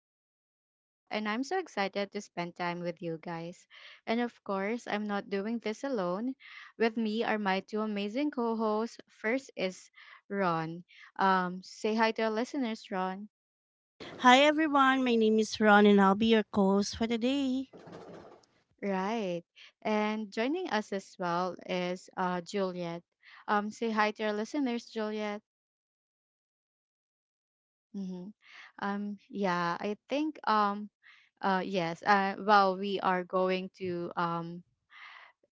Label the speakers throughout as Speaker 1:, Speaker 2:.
Speaker 1: host, Rochelle, and I'm so excited to spend time with you guys. And of course, I'm not doing this alone. With me are my two amazing co hosts. First is Ron. Say hi to our listeners, Ron.
Speaker 2: Hi everyone, my name is Ron and I'll be your co-host for today.
Speaker 1: Right. And joining us as well is Juliet. Say hi to our listeners, Juliet. Mm-hmm. Yeah, I think Yes. Well, we are going to um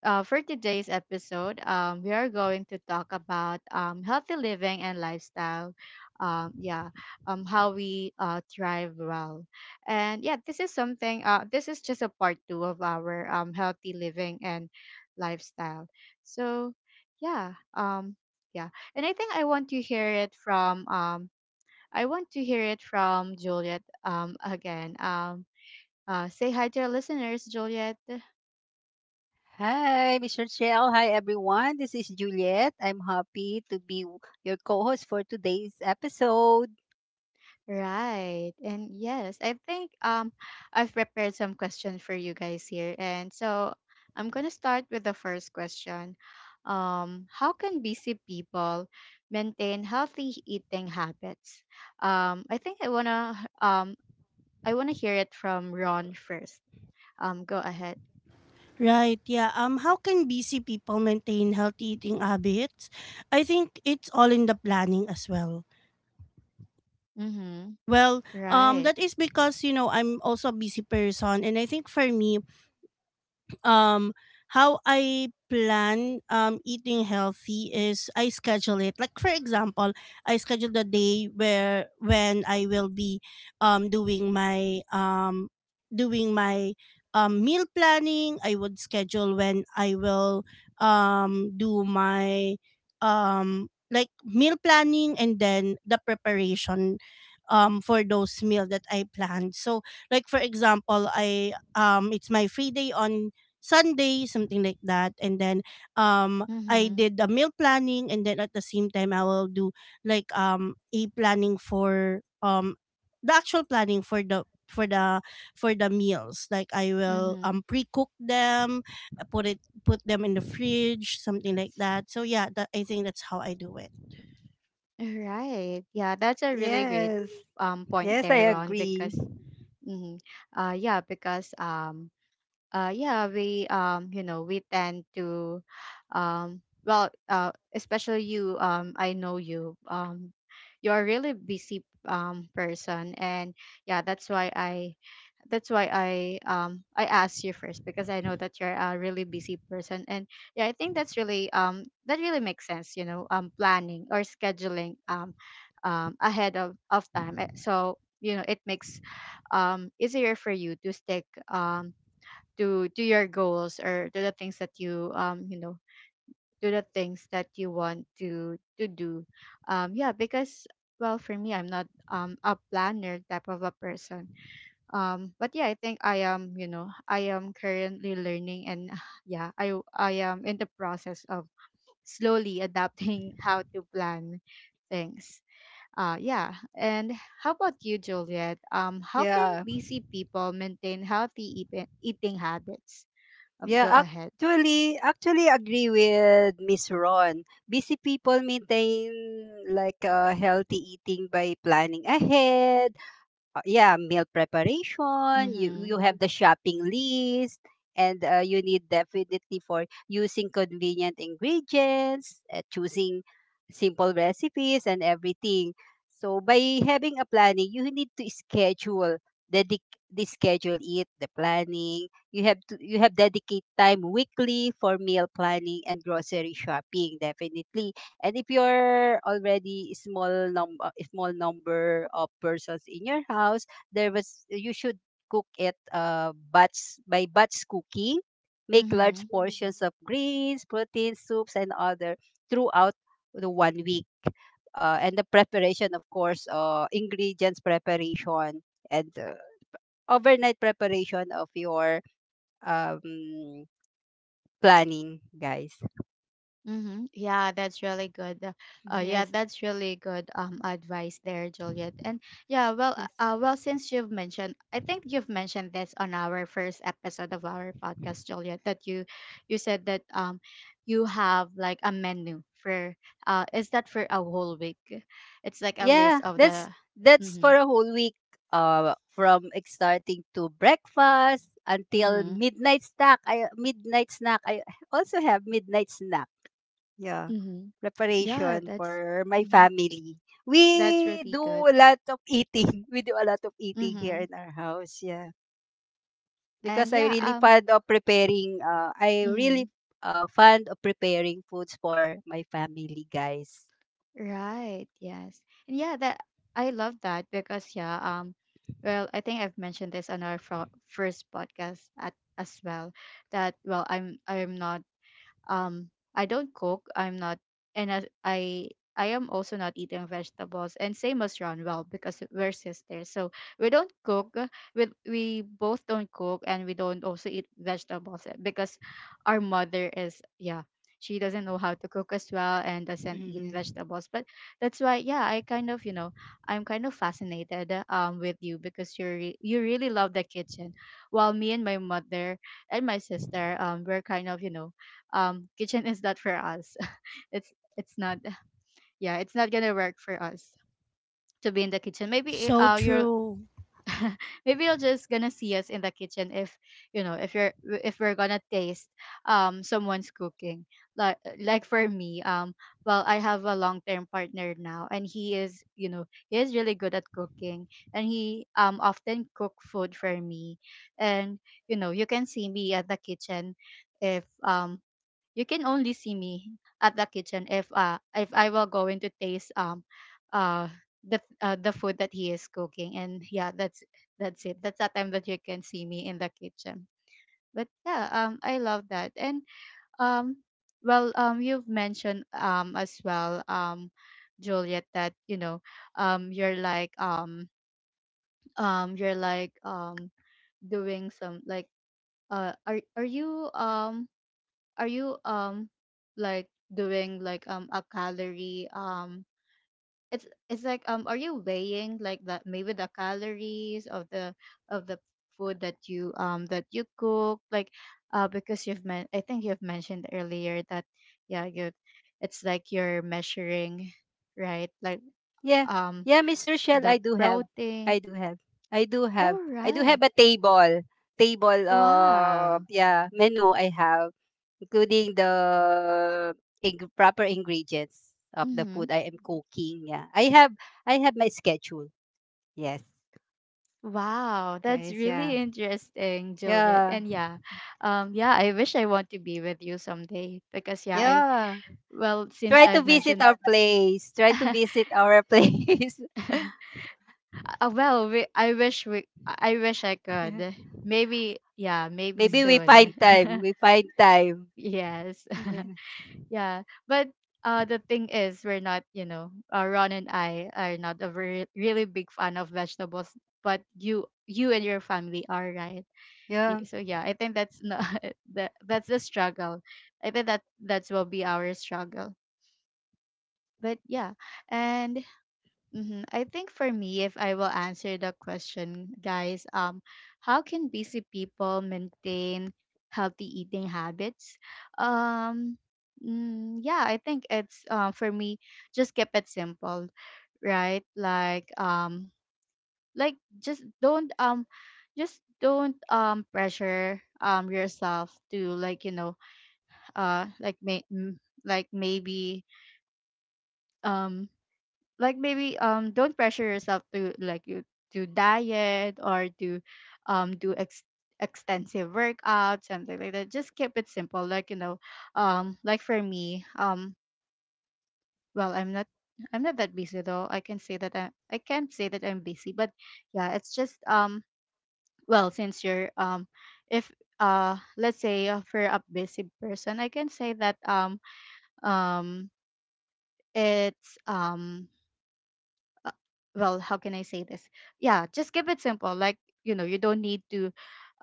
Speaker 1: uh, for today's episode, we are going to talk about healthy living and lifestyle. Yeah, how we thrive well. And yeah, this is something. This is just a part two of our healthy living and lifestyle. So, yeah, yeah, and I think I want to hear it from. I want to hear it from Juliet again. Say hi to our listeners, Juliet.
Speaker 3: Hi, Mr. Shell. Hi, everyone. This is Juliet. I'm happy to be your co host for today's episode.
Speaker 1: Right. And yes, I think I've prepared some questions for you guys here. And so I'm gonna start with the first question. How can busy people maintain healthy eating habits? I think um I wanna hear it from Ron first. Go ahead.
Speaker 2: Right, yeah. How can busy people maintain healthy eating habits? I think it's all in the planning as well.
Speaker 1: Mm-hmm.
Speaker 2: Well,
Speaker 1: Right.
Speaker 2: that is because you know I'm also a busy person, and I think for me um how I plan eating healthy is I schedule it. Like for example, I schedule the day where when I will be doing my doing my meal planning. I would schedule when I will do my like meal planning and then the preparation for those meal that I planned. So like for example, I it's my free day on Sunday, something like that. And then I
Speaker 1: Mm-hmm.
Speaker 2: did a meal planning, and then at the same time I will do like a planning for the actual planning for the for the meals. Like I will
Speaker 1: Mm-hmm.
Speaker 2: pre-cook them, put it, put them in the fridge, something like that. So yeah, that I think that's how I do it.
Speaker 1: Right. Yeah, that's a really great
Speaker 3: Yes,
Speaker 1: point
Speaker 3: yes,
Speaker 1: there,
Speaker 3: I
Speaker 1: Ron,
Speaker 3: agree.
Speaker 1: because Mm-hmm. Yeah, because yeah, we tend to, well, especially you, I know you, you are really busy person, and yeah, that's why I asked you first because I know that you're a really busy person. And yeah, I think that's really that really makes sense, planning or scheduling ahead of time. So it makes easier for you to stick um to your goals, or to the things that to the things that you want to do, yeah, because well, for me, I'm not a planner type of a person. But yeah, I think I am, you know, I am currently learning. And yeah, I am in the process of slowly adapting how to plan things. Yeah. And how about you, Juliet? How can
Speaker 3: Yeah,
Speaker 1: busy people maintain healthy eating habits?
Speaker 3: yeah,
Speaker 1: Go ahead.
Speaker 3: actually agree with Miss Ron. Busy people maintain like a healthy eating by planning ahead, yeah, meal preparation. You
Speaker 1: Mm-hmm.
Speaker 3: have the shopping list, and you need definitely for using convenient ingredients, choosing simple recipes, and everything. So by having a planning, you need to schedule dedic the schedule it the planning. You have dedicate time weekly for meal planning and grocery shopping. Definitely, and if you're already small num small number of persons in your house, there was you should cook it batch by batch cooking. Make large
Speaker 1: Mm-hmm.
Speaker 3: portions of greens, protein soups, and other throughout the one week. And the preparation, of course, ingredients preparation and overnight preparation of your um, planning, guys.
Speaker 1: Mm-hmm. Yeah, that's really good. Yeah,
Speaker 3: Yes,
Speaker 1: that's really good advice there, Juliet. And yeah, well,
Speaker 3: yes.
Speaker 1: well, since you've mentioned, I think you've mentioned this on our first episode of our podcast, Juliet, that you said that you have like a menu for, is that for a whole week? It's like a list
Speaker 3: Yeah,
Speaker 1: of the.
Speaker 3: that's for
Speaker 1: Mm-hmm.
Speaker 3: a whole week. From starting to breakfast until
Speaker 1: Mm-hmm.
Speaker 3: midnight snack. I also have midnight snack. Yeah,
Speaker 1: Mm-hmm. Yeah,
Speaker 3: preparation for my
Speaker 1: mm-hmm.
Speaker 3: family.
Speaker 1: that's
Speaker 3: We
Speaker 1: really
Speaker 3: do
Speaker 1: good.
Speaker 3: a lot of eating. We do a lot of eating here
Speaker 1: Mm-hmm.
Speaker 3: in our house. Yeah,
Speaker 1: And
Speaker 3: because I
Speaker 1: yeah,
Speaker 3: really
Speaker 1: um.
Speaker 3: fond of preparing. I really
Speaker 1: Mhm.
Speaker 3: fond of preparing foods for my family, guys.
Speaker 1: Right. Yes. And yeah, that I love that because yeah, well, I think I've mentioned this on our first podcast at, as well, that, well, I'm not, um I don't cook, I'm not. And as I am also not eating vegetables, and same as Ron. Well, because we're sisters, so we don't cook. We both don't cook, and we don't also eat vegetables, because our mother is, yeah, she doesn't know how to cook as well, and doesn't eat
Speaker 3: Mhm.
Speaker 1: vegetables. But that's why, yeah, I'm kind of fascinated with you because you really love the kitchen, while me and my mother and my sister, we're kind of, you know, kitchen is not for us. it's it's not. Yeah, it's not gonna work for us to be in the kitchen. Maybe
Speaker 2: So
Speaker 1: you're
Speaker 2: true.
Speaker 1: maybe you're just gonna see us in the kitchen if you know, if we're gonna taste someone's cooking. Like for me, well, I have a long-term partner now, and he is really good at cooking. And he often cook food for me. And you know, you can see me at the kitchen if you can only see me at the kitchen if I will going to taste uh the food that he is cooking. And yeah, that's it. That's the time that you can see me in the kitchen. But yeah, I love that. And um well, you've mentioned as well, Juliet, that you know, um you're like um you're like doing some, like, uh are are you um are you like doing, like, a calorie, it's like, are you weighing, like, that maybe the calories of the of the food that you cook, like, because I think you've mentioned earlier that, yeah, you it's like you're measuring, right? Like,
Speaker 3: Yeah.
Speaker 1: um
Speaker 3: Yeah, Miss Rochelle,
Speaker 1: the
Speaker 3: I do have.
Speaker 1: protein.
Speaker 3: I do have. I do have.
Speaker 1: All
Speaker 3: I do
Speaker 1: right.
Speaker 3: have a table. Table
Speaker 1: Wow.
Speaker 3: yeah, menu I have, including the proper ingredients of the
Speaker 1: Mm-hmm.
Speaker 3: food I am cooking. Yeah. I have my schedule. Yes.
Speaker 1: Wow, that's
Speaker 3: Guys,
Speaker 1: really
Speaker 3: yeah.
Speaker 1: interesting, Juliet.
Speaker 3: Yeah.
Speaker 1: And yeah, yeah, I want to be with you someday because, yeah, I
Speaker 3: Yeah.
Speaker 1: well, since
Speaker 3: Try to
Speaker 1: I've
Speaker 3: visit
Speaker 1: mentioned,
Speaker 3: our place. Try to visit our place.
Speaker 1: well, I wish I
Speaker 3: Yeah.
Speaker 1: could. Maybe, yeah, maybe
Speaker 3: Maybe we find
Speaker 1: soon.
Speaker 3: time. We find time.
Speaker 1: Yes, yeah. But the thing is, we're not, you know, Ron and I are not a very, really big fan of vegetables, but you and your family are, right?
Speaker 3: Yeah.
Speaker 1: So yeah, I think that's not that's the struggle. I think that that's will be our struggle. But yeah. And mhm, I think for me, if I will answer the question, guys, how can busy people maintain healthy eating habits? um yeah, I think it's for me, just keep it simple. Right, like, like, just don't pressure yourself to, like, you know, like may m- like maybe um like maybe don't pressure yourself to, like, you to diet, or to do extensive workout, something like that. Just keep it simple, like, you know, like for me, well, I'm not that busy, though. I can say that I can't say that I'm busy, but yeah, it's just, well, since you're if let's say, for a busy person, I can say that um it's uh, well, how can I say this? Yeah, just keep it simple, like, you know, you don't need to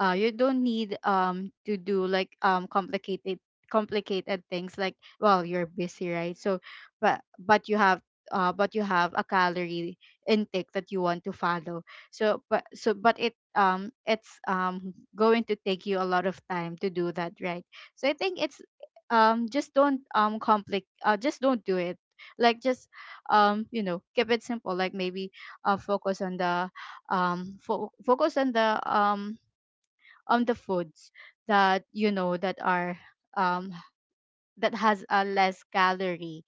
Speaker 1: uh you don't need to do, like, complicated things, like, well, you're busy, right? So but but you have but you have a calorie intake that you want to follow. So but it It's going to take you a lot of time to do that, right? So I think it's just don't do it, like, just you know, keep it simple, like, maybe uh focus on the focus on the foods that you know that are um that has a less calorie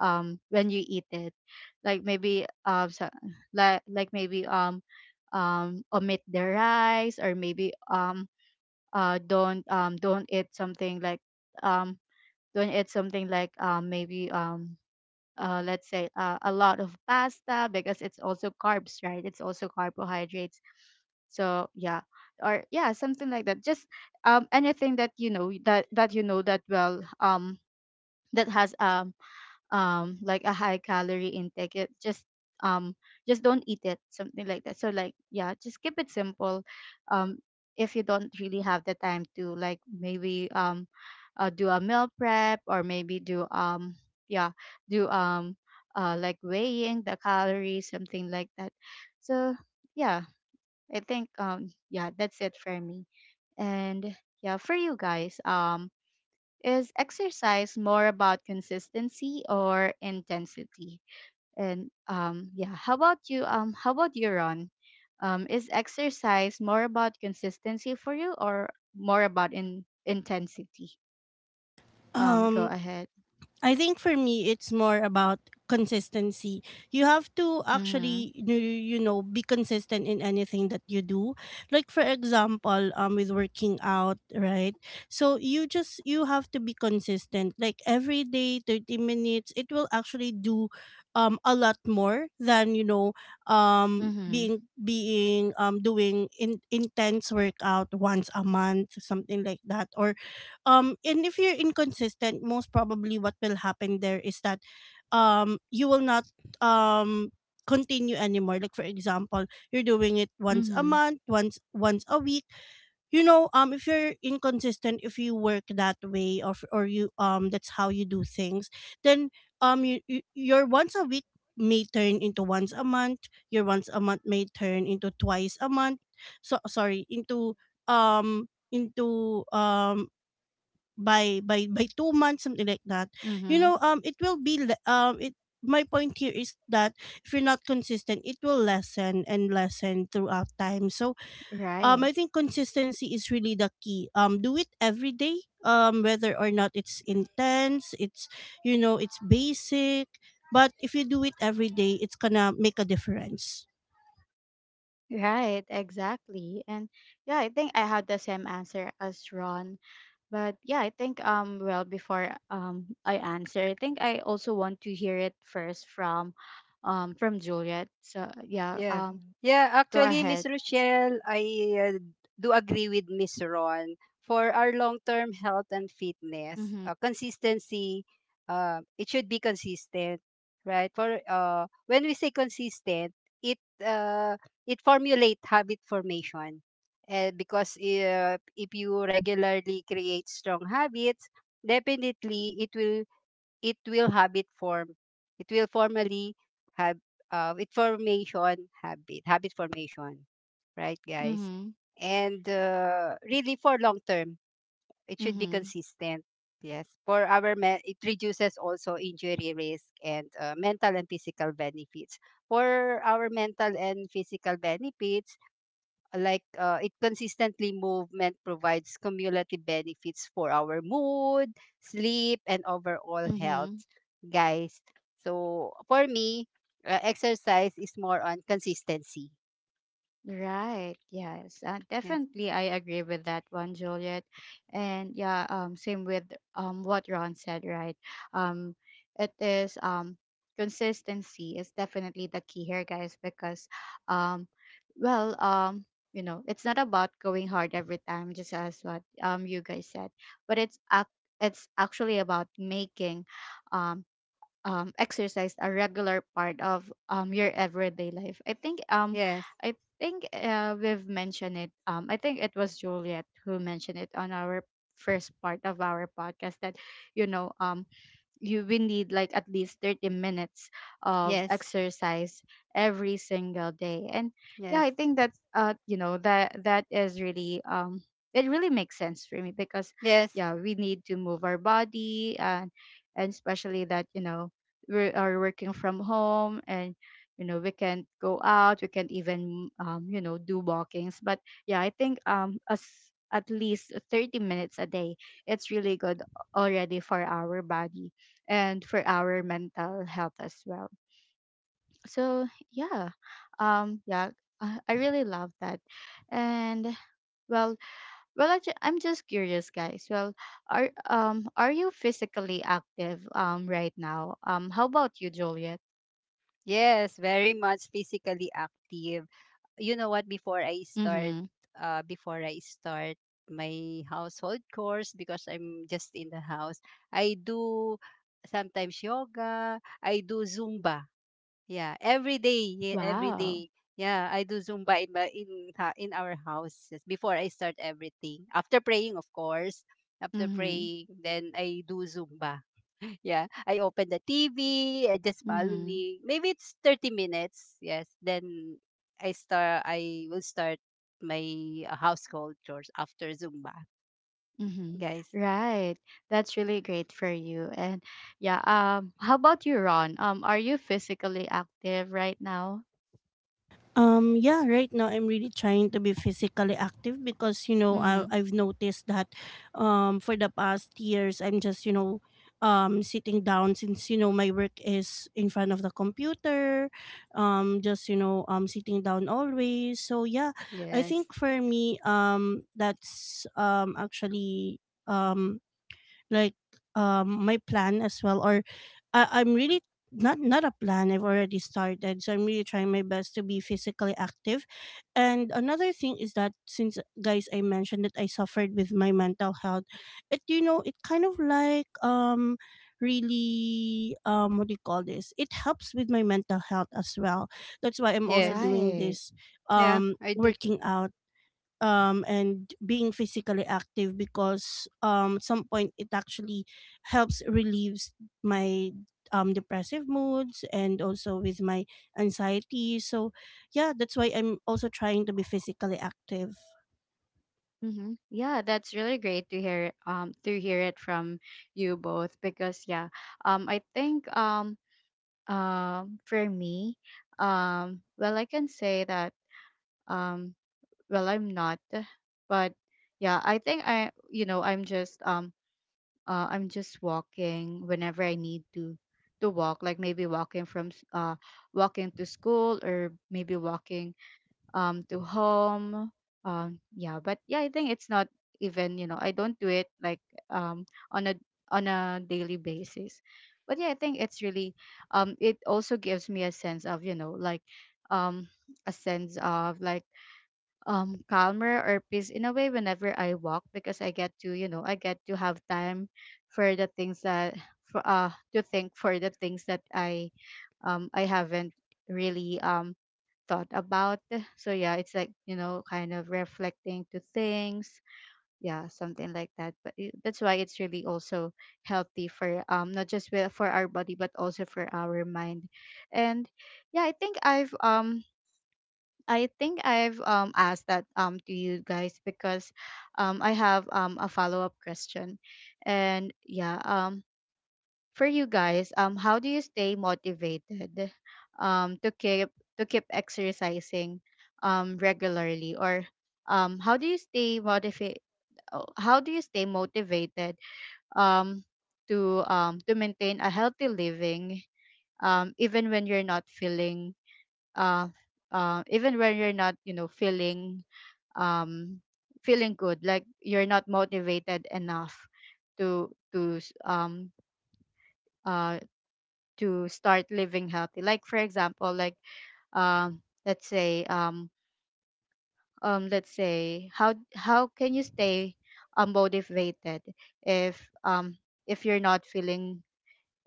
Speaker 1: when you eat it. Like, maybe, so, like, maybe, omit the rice, or maybe, don't eat something like, um don't eat something like, maybe let's say, a lot of pasta, because it's also carbs, right, it's also carbohydrates. So, yeah, or yeah, something like that. Just anything that you know that that, well, that has like a high calorie intake, it um just don't eat it, something like that. So, like, yeah, just keep it simple. um if you don't really have the time to, like, maybe, do a meal prep, or maybe do yeah, do like, weighing the calories, something like that. So, yeah, I think yeah, that's it for me. And yeah, for you guys, is exercise more about consistency or intensity? And yeah, how about you, Ron? Is exercise more about consistency for you, or more about in intensity? Go
Speaker 2: Um
Speaker 1: ahead.
Speaker 2: I think for me, it's more about consistency. You have to
Speaker 1: Mm-hmm.
Speaker 2: actually, you know, be consistent in anything that you do. Like for example, with working out, right? So you have to be consistent. Like every day, 30 minutes, it will actually do, a lot more than you know,
Speaker 1: Mm-hmm.
Speaker 2: being being doing in intense workout once a month, something like that. Or um and if you're inconsistent, most probably what will happen there is that you will not um continue anymore. Like for example, you're doing it once a
Speaker 1: Mm-hmm.
Speaker 2: month, once a week, you know. Um, if you're inconsistent, if you work that way, or you that's how you do things, then your once a week may turn into once a month, your once a month may turn into twice a month, so sorry, into um into um by 2 months, something like that. You
Speaker 1: Mm-hmm.
Speaker 2: know, it will be le- it my point here is that if you're not consistent, it will lessen and lessen throughout time. So
Speaker 1: Right.
Speaker 2: I think consistency is really the key. Um, do it every day, whether or not it's intense, it's you know, it's basic, but if you do it every day, it's gonna make a difference.
Speaker 1: Right. Exactly. And yeah, I think I had the same answer as Ron. But yeah, I think well, before I answer, I think I also want to hear it first from from Juliet. So yeah,
Speaker 3: Yeah. Yeah,
Speaker 1: go
Speaker 3: actually,
Speaker 1: ahead.
Speaker 3: Miss Rochelle, I do agree with Miss Ron. For our long-term health and fitness,
Speaker 1: Mm-hmm.
Speaker 3: consistency, it should be consistent, right? For when we say consistent, it uh, it formulate habit formation, because if you regularly create strong habits, definitely it will habit form it will formally have it formation habit formation, right, guys?
Speaker 1: Mm-hmm.
Speaker 3: And really for long term it should be
Speaker 1: Mm-hmm.
Speaker 3: consistent. Yes, for our men it reduces also injury risk and mental and physical benefits for our mental and physical benefits, like it consistently movement provides cumulative benefits for our mood, sleep, and overall health,
Speaker 1: Mm-hmm.
Speaker 3: guys. So for me, exercise is more on consistency.
Speaker 1: Right. Yes.
Speaker 3: Yes.
Speaker 1: Definitely, I agree with that one, Juliet. And yeah, same with what Ron said. Right. Um, it is consistency is definitely the key here, guys, because um, well. You know, it's not about going hard every time, just as what you guys said, but it's actually about making um exercise a regular part of your everyday life.
Speaker 3: Yes.
Speaker 1: I think we've mentioned it. I think it was Juliet who mentioned it on our first part of our podcast that you know um you will need like at least 30 minutes of
Speaker 3: Yes.
Speaker 1: exercise every single day. And yeah, I
Speaker 3: Yes.
Speaker 1: think that's you know that is really it really makes sense for me because
Speaker 3: Yes.
Speaker 1: yeah, we need to move our body. And especially that we are working from home and we can go out, we can even do walkings. But yeah, I think as at least 30 minutes a day, it's really good already for our body and for our mental health as well. So yeah, yeah, I really love that. And well, I'm just curious, guys. Well, are you physically active right now? How about you, Juliet?
Speaker 3: Yes. Very much physically active. You know what, before I start
Speaker 1: Mm-hmm.
Speaker 3: uh before I start my household chores, because I'm just in the house, I do sometimes yoga, I do zumba. Yeah, every day, yeah, every
Speaker 1: Wow.
Speaker 3: day. Yeah, I do Zumba in my in ha- in our house before I start everything. After praying, of course. After
Speaker 1: Mm-hmm.
Speaker 3: praying, then I do Zumba. Yeah, I open the TV. I just
Speaker 1: Mm-hmm.
Speaker 3: following. Maybe it's 30 minutes. Yes, then I start. I will start my household chores after Zumba,
Speaker 1: Mm-hmm.
Speaker 3: guys.
Speaker 1: Right. That's really great for you. And yeah, how about you, Ron? Are you physically active right now?
Speaker 2: Yeah, right now I'm really trying to be physically active because, you know, I,
Speaker 1: Mm-hmm.
Speaker 2: I've noticed that for the past years, I'm just, you know, sitting down since, you know, my work is in front of the computer, just, you know, sitting down always. So yeah, I
Speaker 3: Yes,
Speaker 2: think for me, that's actually Um, like my plan as well, or I'm really not a plan. I've already started, so I'm really trying my best to be physically active. And another thing is that, since, guys, I mentioned that I suffered with my mental health, it you know, it kind of like really what do you call this, it helps with my mental health as well. That's why I'm also
Speaker 3: yes,
Speaker 2: doing
Speaker 1: Right.
Speaker 2: this
Speaker 3: yeah, I do.
Speaker 2: working out, and being physically active because, at some point it actually helps relieves my depressive moods, and also with my anxiety. So yeah, that's why I'm also trying to be physically active.
Speaker 1: Mm-hmm. Yeah, that's really great to hear it from you both. Because yeah, I think for me, well, I can say that um well, I'm not. But yeah, I think I you know I'm just walking whenever I need to walk. Like maybe walking from walking to school, or maybe walking to home. Yeah, but yeah, I think it's not, even I don't do it like um on a on a daily basis. But yeah, I think it's really it also gives me a sense of like um a sense of like calmer or peace in a way whenever I walk. Because I get to I get to have time for the things that for to think, for the things that I I haven't really thought about. So yeah, it's like, kind of reflecting to things. Yeah, something like that. That's why it's really also healthy for not just for our body but also for our mind. And yeah, I think I think I've asked that to you guys because I have a follow-up question. And yeah, for you guys, how do you stay motivated um, to keep to keep exercising regularly? Or how do you stay motivated? How do you stay motivated um, to maintain a healthy living even when you're not feeling uh, even when you're not feeling um, feeling good, like you're not motivated enough to uh, to start living healthy. Like for example like um let's say um let's say how can you stay motivated if um if you're not feeling,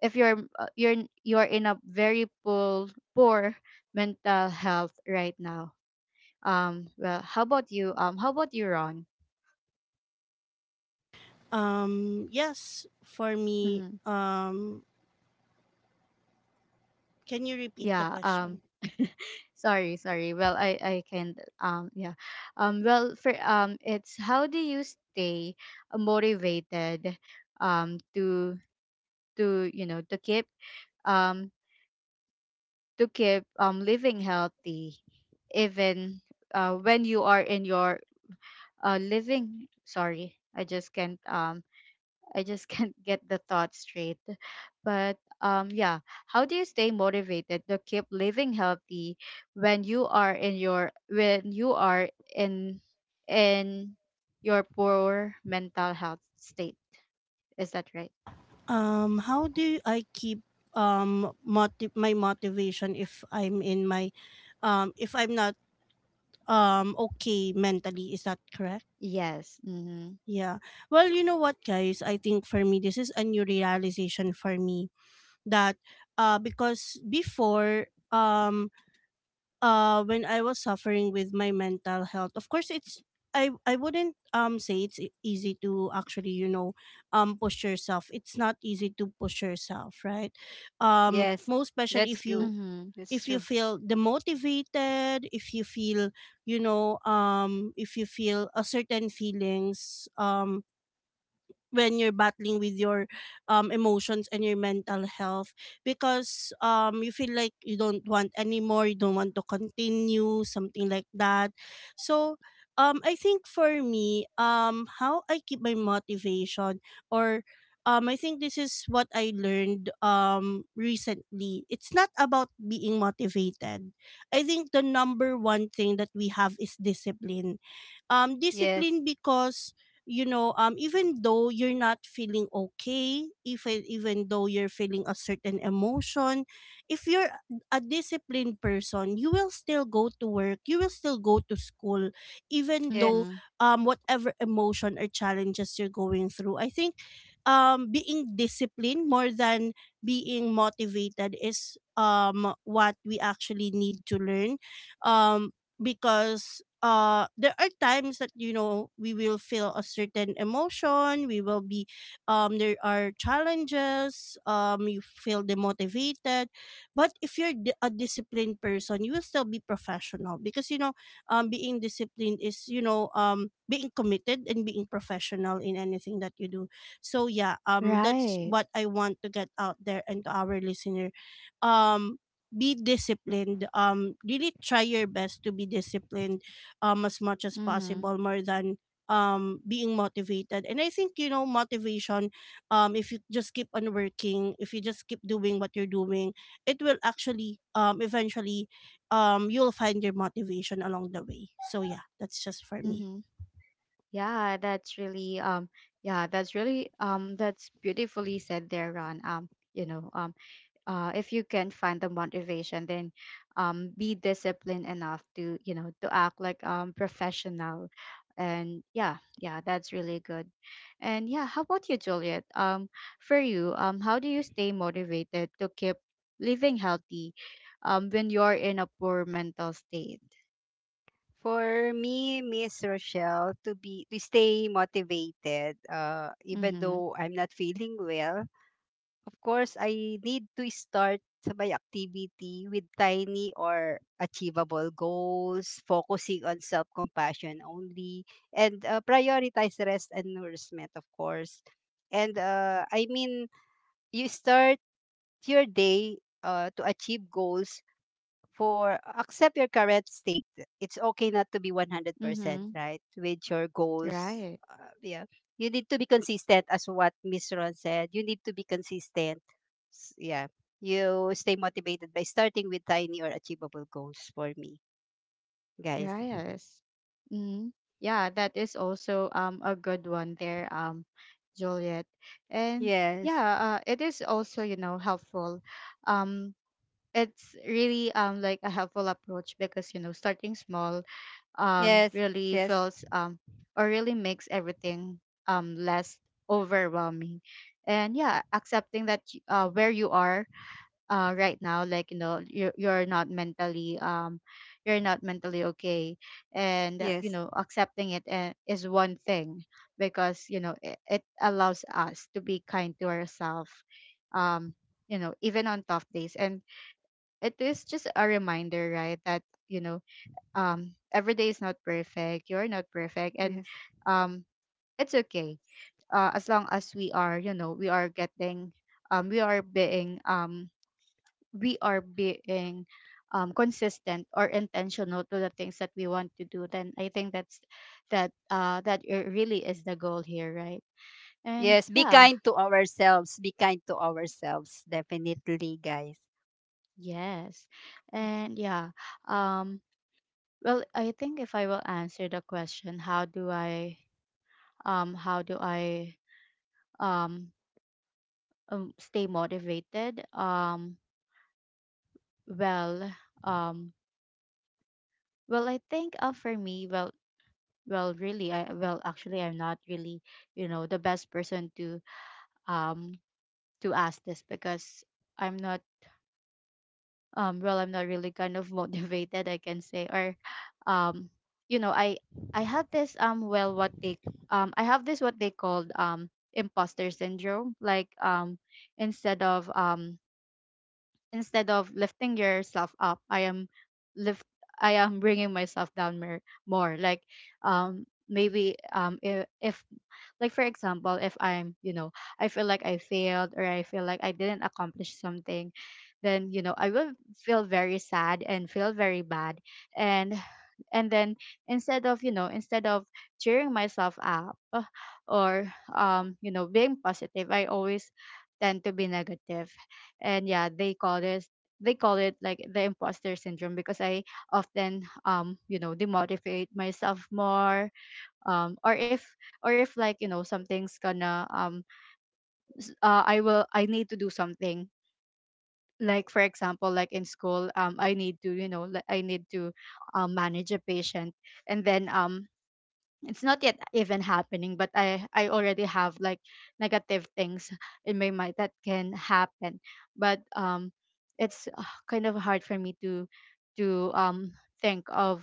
Speaker 1: if you're you're in a very poor poor mental health right now? Well, how about you? How about you, Ron?
Speaker 2: Yes, for me,
Speaker 1: Mm-hmm.
Speaker 2: can you repeat the
Speaker 1: Yeah,
Speaker 2: question?
Speaker 1: sorry, sorry. Well, I can't yeah, well, for it's how do you stay motivated to to you know to keep um to keep living healthy, even when you are in your living, sorry, I just can't I just can't get the thought straight. But yeah, how do you stay motivated to keep living healthy when you are in your, when you are in in your poor mental health state? Is that right?
Speaker 2: How do I keep my motivation if I'm in my if I'm not okay mentally? Is that correct?
Speaker 1: Yes. Mm-hmm.
Speaker 2: Yeah. Well, you know what, guys? I think for me this is a new realization for me that because before when I was suffering with my mental health, of course it's I wouldn't say it's easy to actually, you know, push yourself. It's not easy to push yourself, right?
Speaker 3: Yes,
Speaker 2: Most especially
Speaker 3: that's
Speaker 2: if
Speaker 3: good.
Speaker 2: you,
Speaker 1: Mm-hmm.
Speaker 3: That's
Speaker 2: if you
Speaker 3: true.
Speaker 2: feel demotivated, if you feel, you know, if you feel a certain feelings when you're battling with your emotions and your mental health, because you feel like you don't want anymore, you don't want to continue, something like that. So I think for me how I keep my motivation, or I think this is what I learned recently, it's not about being motivated. I think the number one thing that we have is discipline.
Speaker 3: Yes,
Speaker 2: Discipline, because you know even though you're not feeling okay, even though you're feeling a certain emotion, if you're a disciplined person, you will still go to work, you will still go to school, even
Speaker 3: yes.
Speaker 2: though
Speaker 1: Mm-hmm.
Speaker 2: whatever emotion or challenges you're going through, I think being disciplined more than being motivated is what we actually need to learn. Um, because there are times that, you know, we will feel a certain emotion, we will be there are challenges, you feel demotivated, but if you're a disciplined person, you will still be professional, because you know being disciplined is, you know, being committed and being professional in anything that you do. So yeah, that's
Speaker 1: Right.
Speaker 2: what I want to get out there and to our listener. um be disciplined, really try your best to be disciplined as much as
Speaker 1: Mm-hmm.
Speaker 2: possible, more than being motivated. And I think, you know, motivation, if you just keep on working, if you just keep doing what you're doing, it will actually eventually you'll find your motivation along the way. So yeah, that's just for me.
Speaker 1: Mm-hmm. Yeah, that's really um yeah, that's really that's beautifully said there, Ron. You know, if you can find the motivation, then be disciplined enough to to act like professional. And yeah, yeah, that's really good. And yeah, how about you, Juliet? For you, how do you stay motivated to keep living healthy when you're in a poor mental state?
Speaker 3: For me, Miss Rochelle, to stay motivated, even
Speaker 1: Mm-hmm.
Speaker 3: though I'm not feeling well, of course I need to start my activity with tiny or achievable goals, focusing on self-compassion only, and prioritize rest and nourishment, of course. And I mean, you start your day to achieve goals for accept your current state. It's okay not to be 100%,
Speaker 1: Mm-hmm.
Speaker 3: right? With your goals.
Speaker 1: Right.
Speaker 3: Yeah. You need to be consistent as what Miss Ron said. You need to be consistent. Yeah. You stay motivated by starting with tiny or achievable goals for me, guys.
Speaker 1: Yes. Hmm. Yeah, that is also a good one there, Juliet. And
Speaker 3: Yes.
Speaker 1: yeah, it is also, helpful. Um, it's really like a helpful approach because, starting small
Speaker 3: Yes.
Speaker 1: really
Speaker 3: Yes.
Speaker 1: feels or really makes everything less overwhelming. And yeah, accepting that where you are right now, like you're not mentally okay. And
Speaker 3: Yes.
Speaker 1: accepting it is one thing. Because it, it allows us to be kind to ourselves um even on tough days. And it is just a reminder, right, that you know every day is not perfect, you're not perfect. And
Speaker 3: Yes.
Speaker 1: um it's okay as long as we are we are getting um we are being um we are being consistent or intentional to the things that we want to do. Then I think that's that it really is the goal here, right? And
Speaker 3: Yes, be
Speaker 1: yeah,
Speaker 3: kind to ourselves. Be kind to ourselves, definitely, guys.
Speaker 1: yes,
Speaker 3: Yes.
Speaker 1: and yeah. Um, well, I think if I will answer the question, how do I um stay motivated? Well, um, well, I think for me, well, well really I well actually, I'm not really the best person um to ask this because i'm not I'm not really kind of motivated, I can say. Or um I I have this well what they I have this what they called imposter syndrome. Like instead of um instead of lifting yourself up, I am lift I am bringing myself down more, like um maybe if, like for example, if I'm, I feel like I failed or I feel like I didn't accomplish something, then, I will feel very sad and feel very bad. And and then instead of, cheering myself up, or being positive, I always tend to be negative. And yeah, they call this, they call it like the imposter syndrome because I often demotivate myself more. Or if, or if like something's gonna I will, I need to do something. Like for example, like in school, I need to like I need to manage a patient. And then it's not yet even happening, but I already have like negative things in my mind that can happen. But it's kind of hard for me to to um think of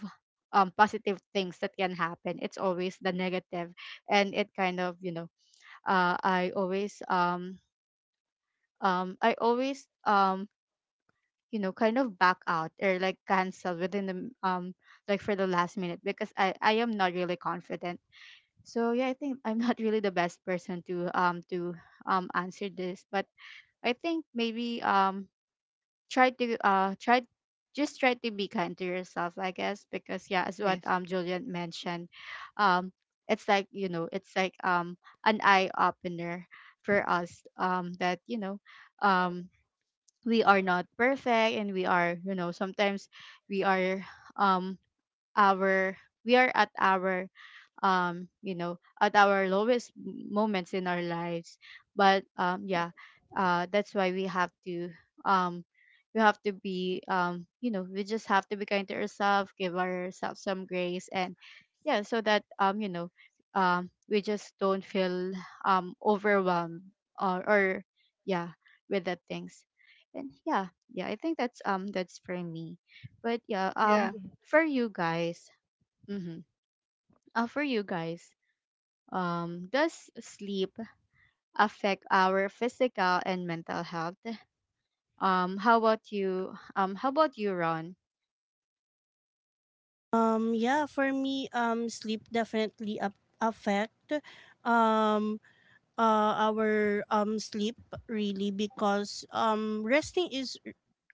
Speaker 1: positive things that can happen. It's always the negative. And it kind of, I always I always kind of back out or like cancel within the um like for the last minute because I I am not really confident. So yeah, I think I'm not really the best person to answer this. But I think maybe try to try just try to be kind to yourself, I guess. Because yeah, as what
Speaker 3: Yes.
Speaker 1: Julian mentioned, um it's like it's like an eye opener for us that um we are not perfect, and we are, sometimes we are um our we are at our at our lowest moments in our lives. But yeah, that's why um we have to be we just have to be kind to ourselves, give ourselves some grace. And yeah, so that we just don't feel overwhelmed or yeah, with the things. And yeah, yeah, I think that's for me. But yeah,
Speaker 3: Yeah.
Speaker 1: for you guys, mm-hmm. For you guys, does sleep affect our physical and mental health? How about you? How about you, Ron?
Speaker 2: Yeah, for me sleep definitely up affect um our sleep, really, because resting is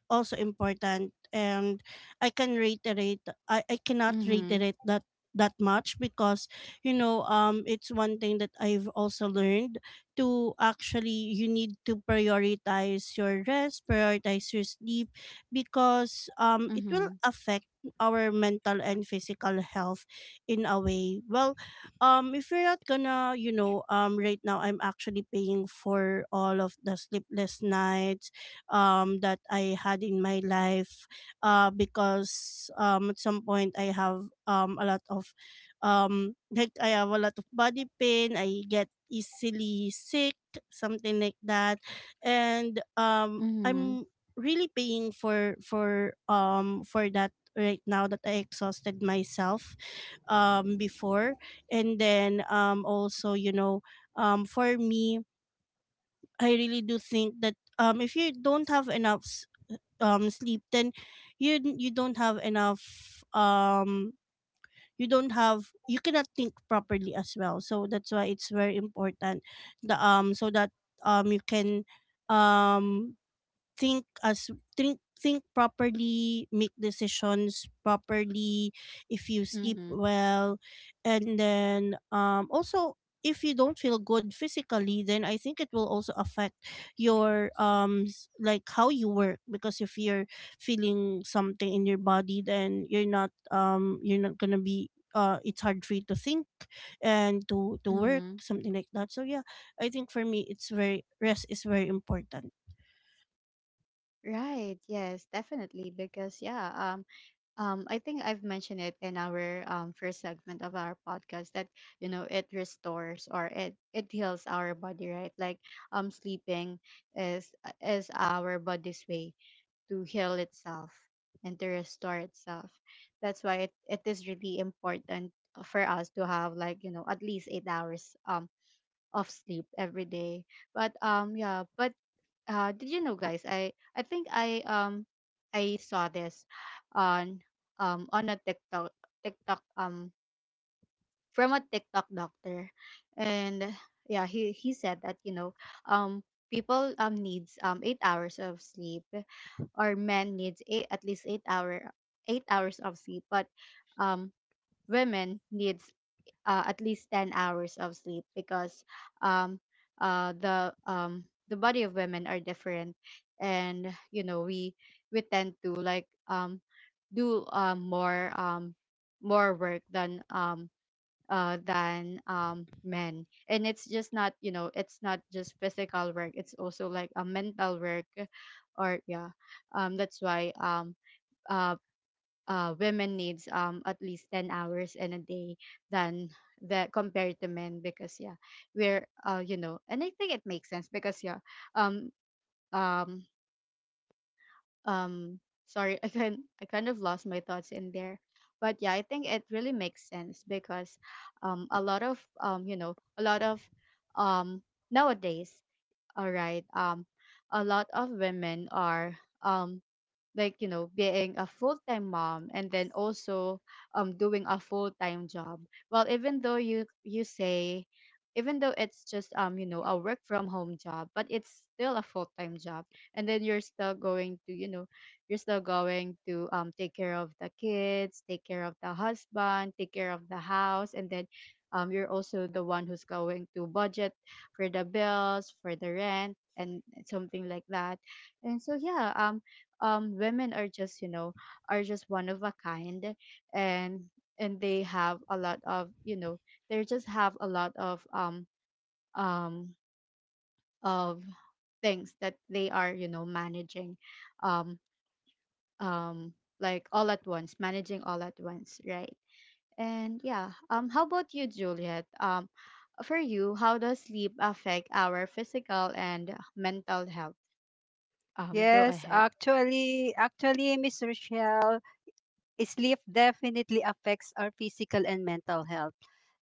Speaker 2: also important. And I can reiterate, I cannot
Speaker 1: Mm-hmm.
Speaker 2: reiterate that that much because, you know, it's one thing that I've also learned, to actually, you need to prioritize your rest, prioritize your sleep, because it will
Speaker 1: Mm-hmm.
Speaker 2: affect our mental and physical health in a way. Well, if you're not gonna, you know, right now I'm actually paying for all of the sleepless nights that I had in my life, because at some point I have a lot of like I have a lot of body pain, I get easily sick, something like that. And
Speaker 1: Mm-hmm.
Speaker 2: I'm really paying for that right now, that I exhausted myself before. And then also, you know, for me, I really do think that if you don't have enough sleep, then you don't have enough you don't have, you cannot think properly as well. So that's why it's very important, the so that you can um think as think properly, make decisions properly, if you sleep
Speaker 1: Mm-hmm.
Speaker 2: well. And then also, if you don't feel good physically, then I think it will also affect your like how you work, because if you're feeling something in your body, then you're not gonna be it's hard for you to think and to work,
Speaker 1: Mm-hmm.
Speaker 2: something like that. So yeah, I think for me it's very, rest is very important.
Speaker 1: Right. Yes, definitely. Because yeah, I think I've mentioned it in our first segment of our podcast that it restores or it heals our body, right? Like sleeping is our body's way to heal itself and to restore itself. That's why it, it is really important for us to have like, at least 8 hours of sleep every day. But yeah, but did you know, guys, I think I I saw this on on a TikTok from a TikTok doctor, and yeah, he said that, you know, um, people needs 8 hours of sleep, or men needs eight, at least eight hour 8 hours of sleep, but um women needs, at least 10 hours of sleep because um the body of women are different, and, you know, we tend to, like, do, more work than men. And it's just not, it's not just physical work, it's also like a mental work, or yeah. That's why, uh, women needs, at least 10 hours in a day, than that, compared to men, because yeah, we're you know, and I think it makes sense because yeah. um, um, um Sorry, I kind of lost my thoughts in there, but yeah, I think it really makes sense because, a lot of, you know, a lot of, um nowadays, all right, a lot of women are, um like, you know, being a full-time mom, and then also doing a full-time job. Well, even though you say, even though it's just, you know, a work from home job, but it's still a full-time job. And then you're still going to, you know, you're still going to take care of the kids, take care of the husband, take care of the house, and then you're also the one who's going to budget for the bills, for the rent, and something like that. And so yeah, women are just, you know, are just one of a kind. And they have a lot of, you know, they just have a lot of, um of things that they are, you know, managing, um um like, all at once, managing all at once, right? And yeah, how about you, Juliet? For you, how does sleep affect our physical and mental health? Go
Speaker 3: Yes,
Speaker 1: ahead.
Speaker 3: Miss Rochelle, sleep definitely affects our physical and mental health.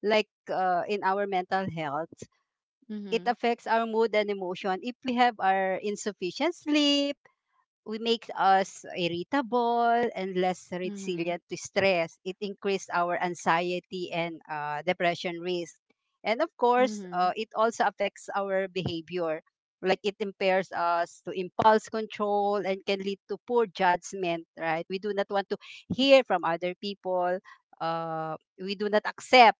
Speaker 3: Like in our mental health, it
Speaker 1: Mhm.
Speaker 3: affects our mood and emotion. If we have our insufficient sleep, we make us irritable and less
Speaker 1: Mhm.
Speaker 3: resilient to stress. It increased our anxiety and depression risk. And of course,
Speaker 1: Mhm.
Speaker 3: it also affects our behavior. Like it impairs us to impulse control and can lead to poor judgment, right? We do not want to hear from other people. We do not accept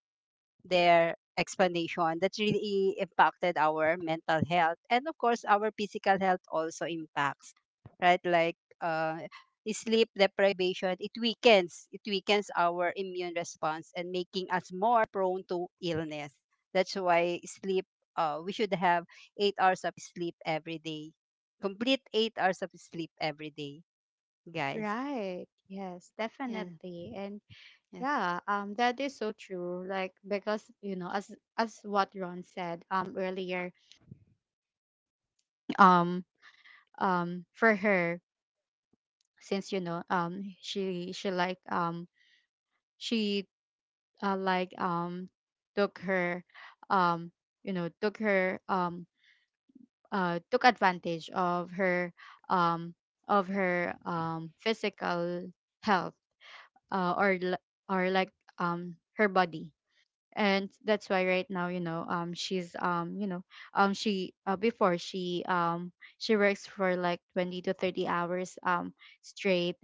Speaker 3: their explanation that really impacted our mental health, and of course our physical health also impacts, right? Like sleep deprivation, it weakens our immune response and making us more prone to illness. That's why sleep, we should have 8 hours of sleep every day. Complete 8 hours of sleep every day, guys.
Speaker 1: Right. Yes,
Speaker 3: Yeah.
Speaker 1: definitely. And
Speaker 3: Yes.
Speaker 1: yeah, that is so true. Like, because, you know, as what Ron said, earlier, um for her, since, you know, she like, she uh, like um took her, um you know, took her, took advantage of her, um of her, physical health, uh, or l- or like, her body, and that's why right now, you know, she's, you know, she before she, she works for like 20 to 30 hours straight,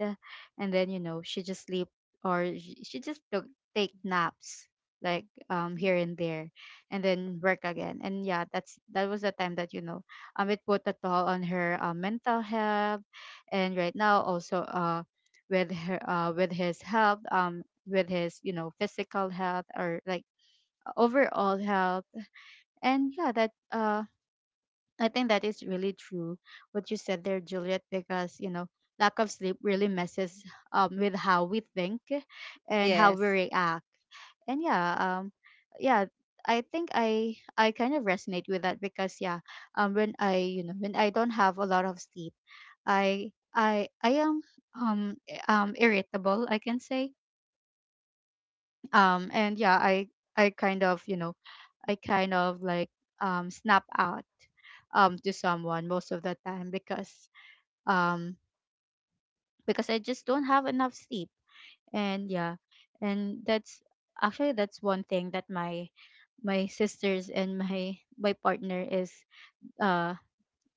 Speaker 1: and then, you know, she just sleep, or she just took, take naps, like, here and there, and then work again. And yeah, that was the time that, you know, it put a toll on her, mental health, and right now also, with his health, with his, you know, physical health, or like, overall health. And yeah, that I think that is really true what you said there, Juliet, because, you know, lack of sleep really messes, with how we think and how we
Speaker 3: Yes.
Speaker 1: react. And yeah, yeah, I think I kind of resonate with that because yeah, when I, you know, when I don't have a lot of sleep, I am, irritable, I can say. And yeah, I kind of, you know, I kind of like, snap out, to someone most of the time because, um, I just don't have enough sleep. And yeah, and that's one thing that my sisters and my partner is, uh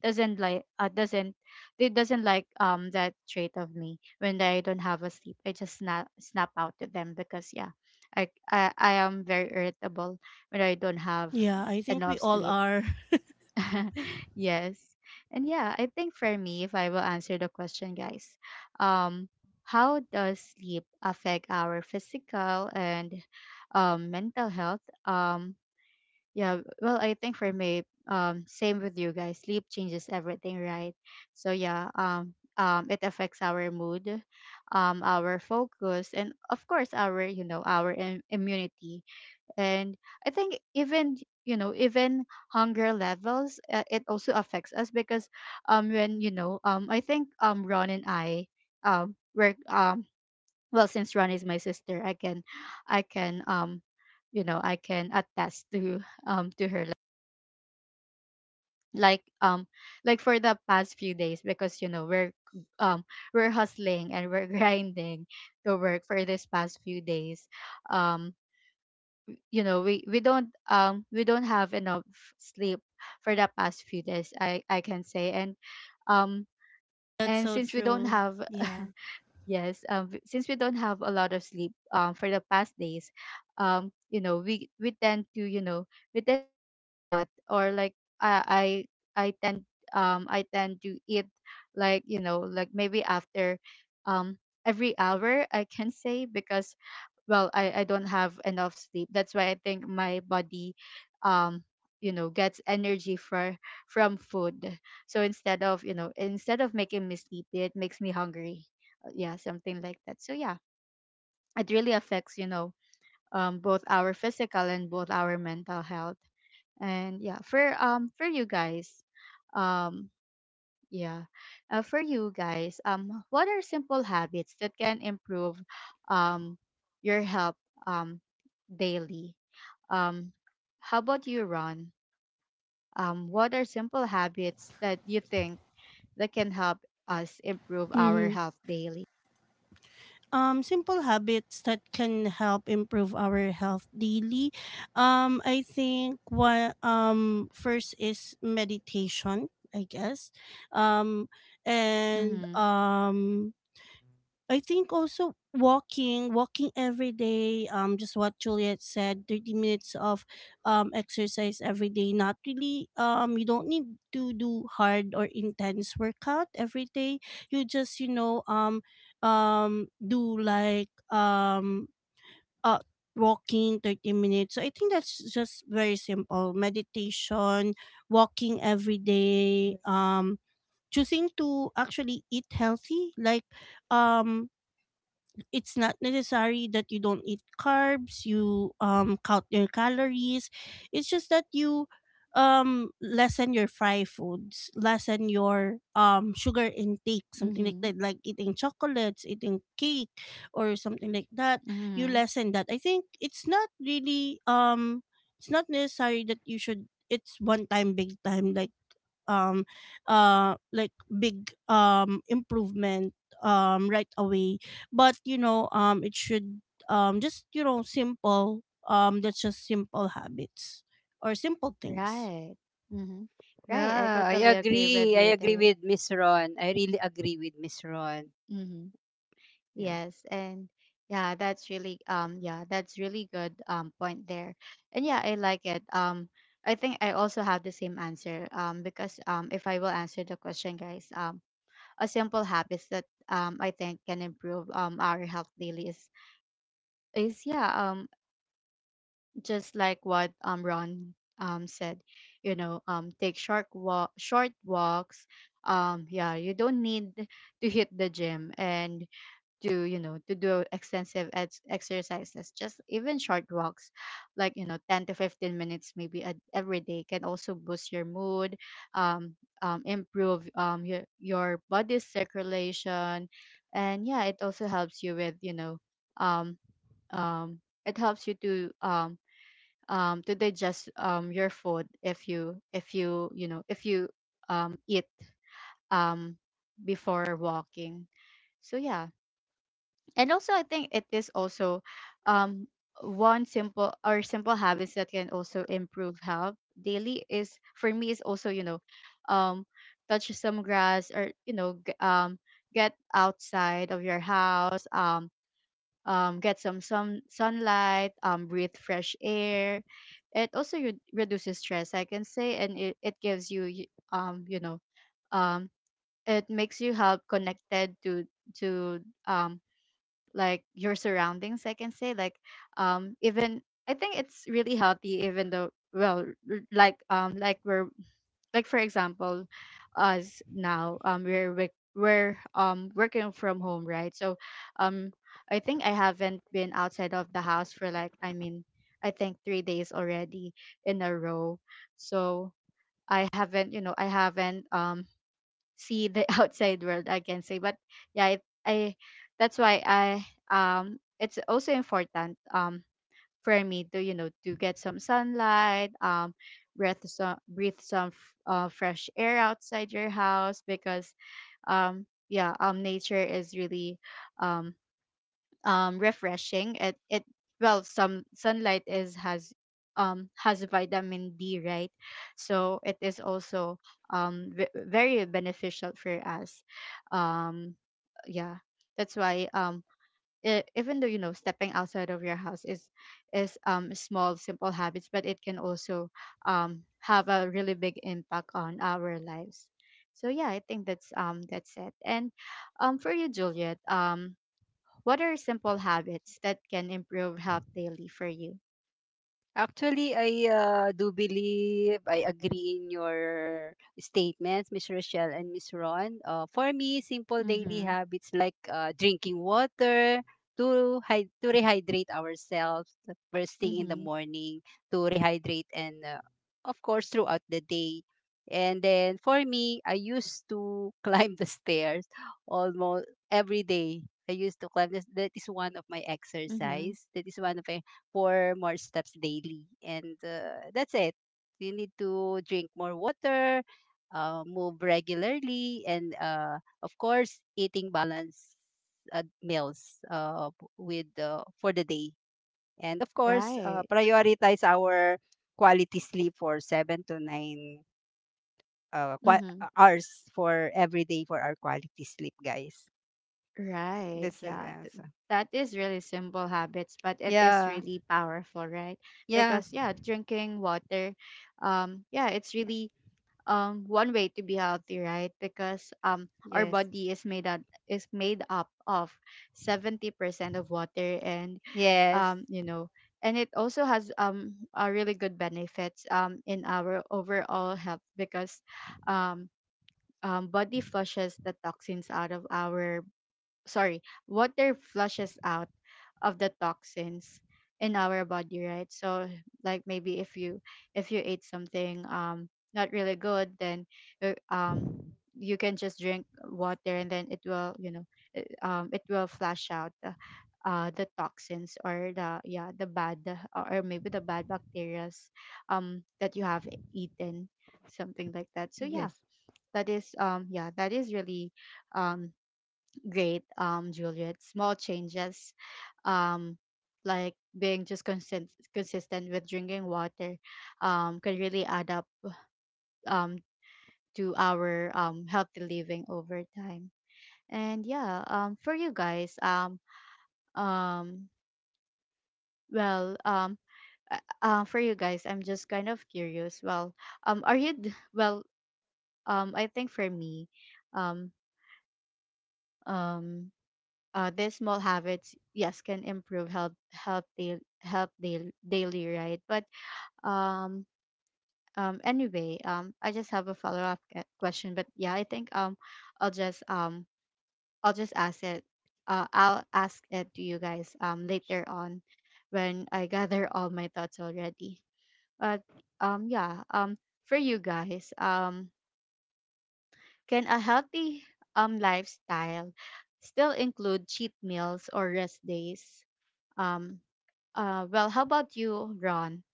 Speaker 1: doesn't like, doesn't they doesn't like, that trait of me when I don't have a sleep. I just snap out to them because yeah, I am very irritable when I don't have
Speaker 2: Yeah, I think we
Speaker 1: enough
Speaker 2: all
Speaker 1: sleep.
Speaker 2: are.
Speaker 1: Yes. And yeah, I think for me, if I will answer the question, guys, um, how does sleep affect our physical and, mental health? Yeah, well, I think for me, same with you guys. Sleep changes everything, right? So yeah, it affects our mood, our focus, and, of course, our, you know, our immunity, and I think, even, you know, even hunger levels, it also affects us because, when, you know, I think, Ron and I, were, well, since Ron is my sister, I can, i can um you know, I can attest to, her, like, like for the past few days, because, you know, um we're hustling, and we're grinding to work for this past few days. um you know, we don't have enough sleep for the past few days, I can say. Um
Speaker 2: That's
Speaker 1: and
Speaker 2: so
Speaker 1: since we don't
Speaker 2: true.
Speaker 1: have
Speaker 2: Yeah.
Speaker 1: Yes. Since we don't have a lot of sleep, for the past days, you know, we tend to, you know, we tend to eat a lot, or like, i i i tend I tend to eat, like, you know, like maybe after, um every hour, I can say, because, well, I don't have enough sleep. That's why I think my body, um you know, gets energy for from food. So, instead of, you know, instead of making me sleepy, it makes me hungry. Yeah, something like that. So yeah, it really affects, you know, both our physical and both our mental health. And yeah, for you guys, um yeah for you guys, what are simple habits that can improve, um your health, um daily? Um, how about you, Ron? What are simple habits that you think that can help us improve our
Speaker 2: hmm
Speaker 1: health daily?
Speaker 2: Simple habits that can help improve our health daily. I think one first is meditation, I guess, um, and
Speaker 1: Mm-hmm.
Speaker 2: um, I think also walking, walking every day, just what Juliet said, 30 minutes of exercise every day. Not really, you don't need to do hard or intense workout every day. You just, you know, do like uh, walking 30 minutes. So I think that's just very simple: meditation, walking every day, choosing to actually eat healthy. Like, um it's not necessary that you don't eat carbs, you count your calories, it's just that you lessen your fry foods, lessen your sugar intake, something like
Speaker 1: Mm-hmm.
Speaker 2: that, like eating chocolates, eating cake or something like that. You
Speaker 1: Mm-hmm.
Speaker 2: lessen that. I think it's not really it's not necessary that you should, it's one time big time, um like big improvement right away, but you know it should just, you know, simple, that's just simple habits or simple things.
Speaker 1: Right. Mm-hmm. Right. I
Speaker 3: Yeah, I
Speaker 1: totally agree with
Speaker 3: agree.
Speaker 1: you
Speaker 3: I agree
Speaker 1: there.
Speaker 3: with Miss Ron. I really agree with Miss Ron.
Speaker 1: Mm-hmm.
Speaker 3: Yeah.
Speaker 1: Yes. And yeah, that's really, yeah, that's really good, point there. And yeah, I like it. I think I also have the same answer. Because If I will answer the question, guys, a simple habits that, I think, can improve, our health daily is yeah, just like what, Ron, said, you know, take short walk short walks, yeah, you don't need to hit the gym, and to, you know, to do extensive exercises, just even short walks, like, you know, 10 to 15 minutes, maybe a, every day, can also boost your mood, um, improve, your body's circulation, and yeah, it also helps you with, you know, um um it helps you to, digest, your food, if you, you know, if you, eat, um before walking. So yeah, and also I think it is also, um one simple, or simple habits, that can also improve health daily, is, for me, is also, you know, um touch some grass, or, you know, get outside of your house, get some, sunlight, breathe fresh air. It also reduces stress, I can say, and it gives you, you know, um it makes you help connected to, to um like your surroundings, I can say, like, even, I think it's really healthy, even though, well, like we're, like, for example, us now, we're, working from home, right? So, um I think I haven't been outside of the house for like, I mean, I think 3 days already, in a row. So I haven't, you know, I haven't, see the outside world, I can say. But yeah, it, I that's why I, it's also important, for me to, you know, to get some sunlight, breathe some, fresh air outside your house, because, yeah, nature is really, um refreshing. It Well, some sunlight is has, has vitamin D, right? So it is also, very beneficial for us. Um, yeah, that's why, even though, you know, stepping outside of your house is, small simple habits, but it can also, have a really big impact on our lives. So yeah, I think that's it. And, for you, Juliet, what are simple habits that can improve health daily for you?
Speaker 3: Actually, I do believe I agree in your statements, Miss Rochelle and Miss Ron. For me, simple daily
Speaker 1: Mhm.
Speaker 3: habits like drinking water to rehydrate ourselves the first thing in the
Speaker 1: Mhm.
Speaker 3: morning to rehydrate and of course throughout the day. And then for me, I used to climb the stairs almost every day. I used to climb this. That is one of my
Speaker 1: Mhm.
Speaker 3: exercise. That is one of my four more steps daily. And that's it. You need to drink more water, move regularly, and of course, eating balanced meals with for the day. And of course,
Speaker 1: Right.
Speaker 3: prioritize our quality sleep for 7 to 9
Speaker 1: Mhm.
Speaker 3: hours for every day for our quality sleep, guys.
Speaker 1: Right.
Speaker 3: This is
Speaker 1: Yeah.
Speaker 3: answer.
Speaker 1: That is really simple habits, but it is
Speaker 3: Yeah.
Speaker 1: really powerful, right?
Speaker 3: Yeah.
Speaker 1: Because yeah, drinking water, yeah, it's
Speaker 3: Yeah.
Speaker 1: really, one way to be healthy, right? Because, our
Speaker 3: Yes.
Speaker 1: body is made up, of 70% of water, and,
Speaker 3: Yes.
Speaker 1: you know, and it also has, a really good benefits, in our overall health. Because, um body flushes the toxins out of our, sorry, water flushes out of the toxins in our body, right? So, like, maybe if you, ate something, not really good, then, uh, um you can just drink water, and then it will, you know, it will flush out the toxins, or the, yeah, the bad, or maybe the bad bacterias, that you have eaten, something like that. So yeah,
Speaker 3: Yes.
Speaker 1: that is, yeah, that is really, um great, Juliet. Small changes, um, like being just consistent with drinking water, can really add up um to our healthy living over time. And yeah, for you guys, um, well, for you guys, I'm just kind of curious. Well, are you d- well? I think for me, um, um, these small habits, yes, can improve daily, right? But um um anyway um I just have a follow-up question, but yeah, I think i'll just um I'll just ask it. I'll ask it to you guys later on when I gather all my thoughts already. But um yeah um for you guys, can a healthy lifestyle still include cheat meals or rest days? um well, how about you, Ron?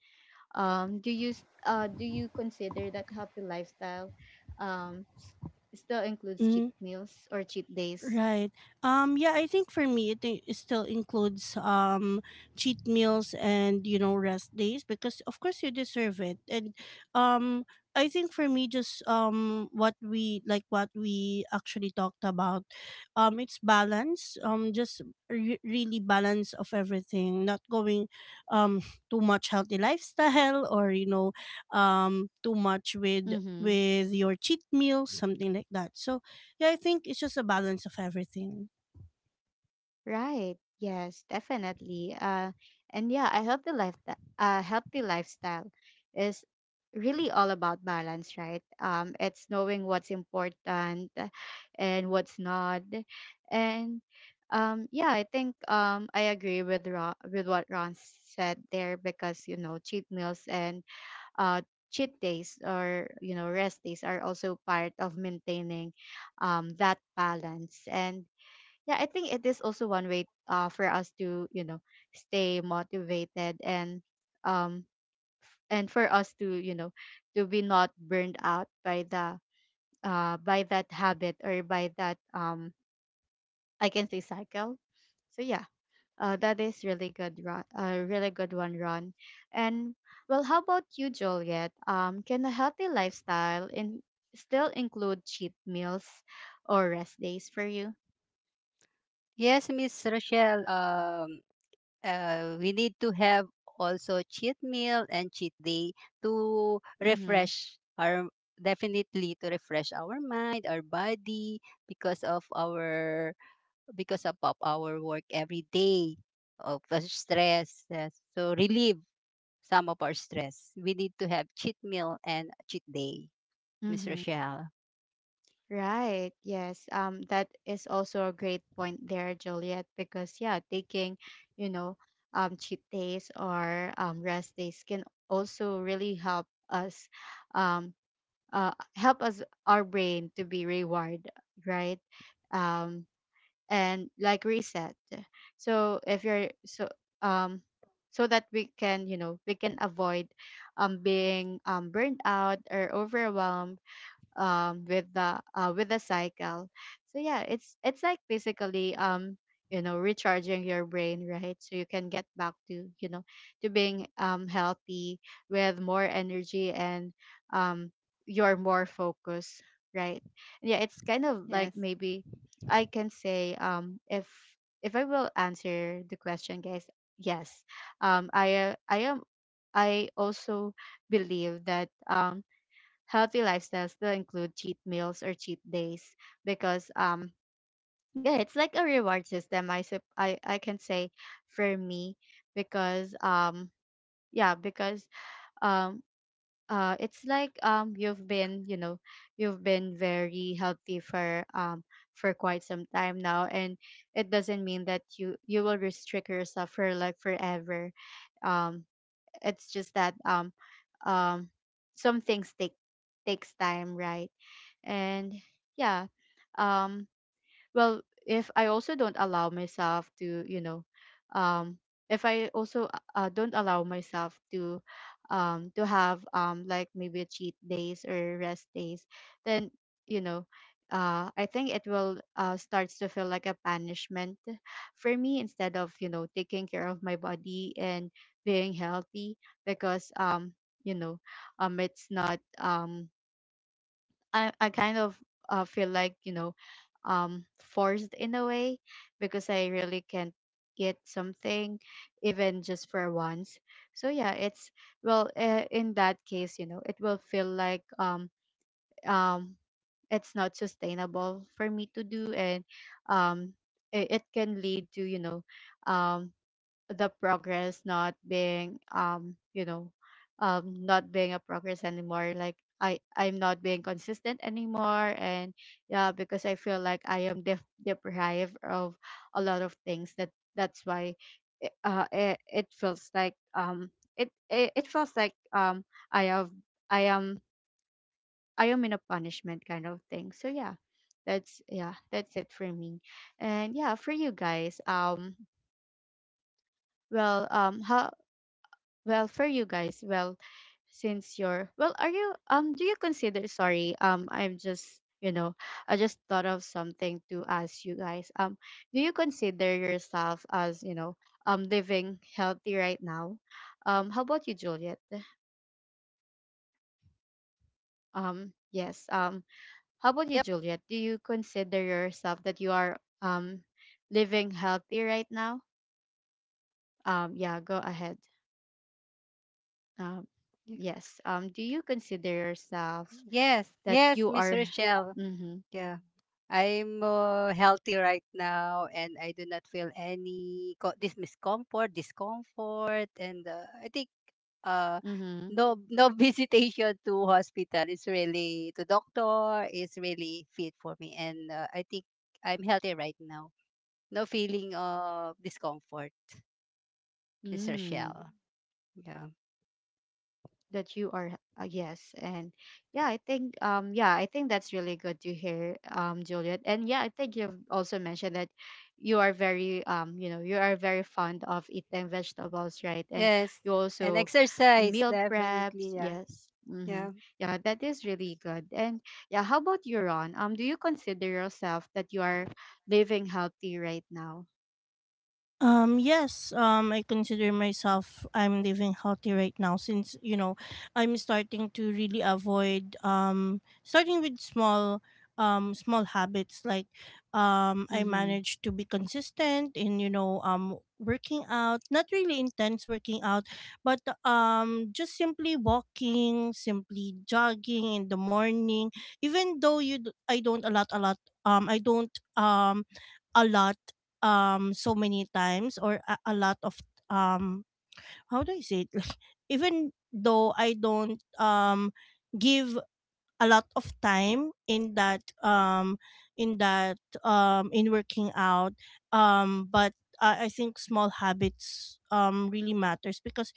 Speaker 1: Do you consider that healthy lifestyle um, s- still includes
Speaker 2: Mm-hmm.
Speaker 1: cheat meals or cheat days?
Speaker 2: Right. Um, yeah, I think for me it still includes cheat meals and you know rest days, because of course you deserve it. And um I think for me just what we like, what we actually talked about, it's balance, just really balance of everything, not going um too much healthy lifestyle or you know too much
Speaker 1: Mm-hmm.
Speaker 2: with your cheat meals, something like that. So yeah, I think it's just a balance of everything.
Speaker 1: Right. Yes, definitely. And yeah, a healthy lifestyle is really all about balance, right? It's knowing what's important and what's not, and yeah, I think, I agree with Ron, with what Ron said there, because you know, cheat meals and uh cheat days, or you know, rest days, are also part of maintaining that balance. And yeah, I think it is also one way, for us to, you know, stay motivated, um and for us to, you know, to be not burned out by the by that habit, or by that, I can say, cycle. So yeah, that is really good, Ron, a really good one, Ron. And well, how about you, Juliet? Can a healthy lifestyle in still include cheat meals or rest days for you?
Speaker 3: Yes, Miss Rochelle. We need to have also cheat meal and cheat day to
Speaker 1: Mm-hmm.
Speaker 3: refresh our, definitely to refresh our mind, our body, because of our because of our work every day, of the stress. Yes. So relieve some of our stress. We need to have cheat meal and cheat day, Miss
Speaker 1: Mm-hmm.
Speaker 3: Rochelle.
Speaker 1: Right. Yes. That is also a great point there, Juliet, because yeah, taking, you know, cheat days, or rest days can also really help us, um, help us, our brain to be rewarded, right? Um, and like reset. So if you're so um, so that we can, you know, we can avoid being burned out or overwhelmed with the cycle. So yeah, it's like basically, you know, recharging your brain, right? So you can get back to, you know, to being healthy with more energy, and um you're more focused, right? And yeah, it's kind of like,
Speaker 3: Yes.
Speaker 1: maybe I can say, if I will answer the question, guys, yes, I am, I also believe that healthy lifestyles still include cheat meals or cheat days, because yeah, it's like a reward system, I can say, for me, because yeah, because um it's like, you've been, you know, you've been very healthy for quite some time now, and it doesn't mean that you will restrict yourself for like forever. Um it's just that, um some things takes time, right? And yeah, um well, if I also don't allow myself to, you know, um if I also don't allow myself to have like maybe a cheat days or rest days, then, you know, I think it will, starts to feel like a punishment for me, instead of, you know, taking care of my body and being healthy. Because you know it's not, I kind of feel like, you know, forced in a way, because I really can't get something even just for once. So yeah, it's, well, in that case, you know, it will feel like um it's not sustainable for me to do, and um it can lead to, you know, um the progress not being, you know, not being a progress anymore, like I'm not being consistent anymore. And yeah, because I feel like I am deprived of a lot of things. That that's why, it, it feels like, um, it feels like i have i am I am in a punishment kind of thing. So yeah, that's, yeah, that's it for me. And yeah, for you guys, well um how well, for you guys, well, since you're well, are you do you consider, sorry, I'm just, you know, I just thought of something to ask you guys. Do you consider yourself as, you know, living healthy right now? How about you, Juliet? Yes. How about you,
Speaker 3: Yep.
Speaker 1: Juliet? Do you consider yourself that you are living healthy right now? Yeah, go ahead. Um,
Speaker 3: Y-
Speaker 1: yes. Do you consider yourself
Speaker 3: Yes.
Speaker 1: that
Speaker 3: Yes,
Speaker 1: you
Speaker 3: Miss
Speaker 1: are
Speaker 3: Rochelle.
Speaker 1: mhm.
Speaker 3: Yeah. I'm healthy right now and I do not feel any this discomfort, and I think uh
Speaker 1: Mhm.
Speaker 3: no, no, visitation to hospital is really to doctor is really fit for me, and I think I'm healthy right now. No feeling of discomfort, Miss
Speaker 1: Mm,
Speaker 3: Rochelle. Yeah.
Speaker 1: that you are, yes. And yeah, I think, that's really good to hear, Juliet. And yeah, I think you've also mentioned that you are very, you know, you are very fond of eating vegetables, right? And
Speaker 3: Yes.
Speaker 1: you
Speaker 3: And
Speaker 1: also
Speaker 3: exercise,
Speaker 1: meal
Speaker 3: definitely.
Speaker 1: preps,
Speaker 3: Yeah.
Speaker 1: yes. Mm-hmm.
Speaker 3: Yeah.
Speaker 1: Yeah, that is really good. And yeah, how about you, Ron? Do you consider yourself that you are living healthy right now?
Speaker 2: Um, yes, I consider myself I'm living healthy right now, since you know I'm starting to really avoid starting with small small habits, like I
Speaker 1: Mm-hmm.
Speaker 2: managed to be consistent in, you know, working out, not really intense working out, but just simply walking, simply jogging in the morning, even though I don't a lot, a lot, I don't a lot so many times, or a lot of um how do I say it, like, even though I don't give a lot of time in that in working out. Um, but I think small habits really matters, because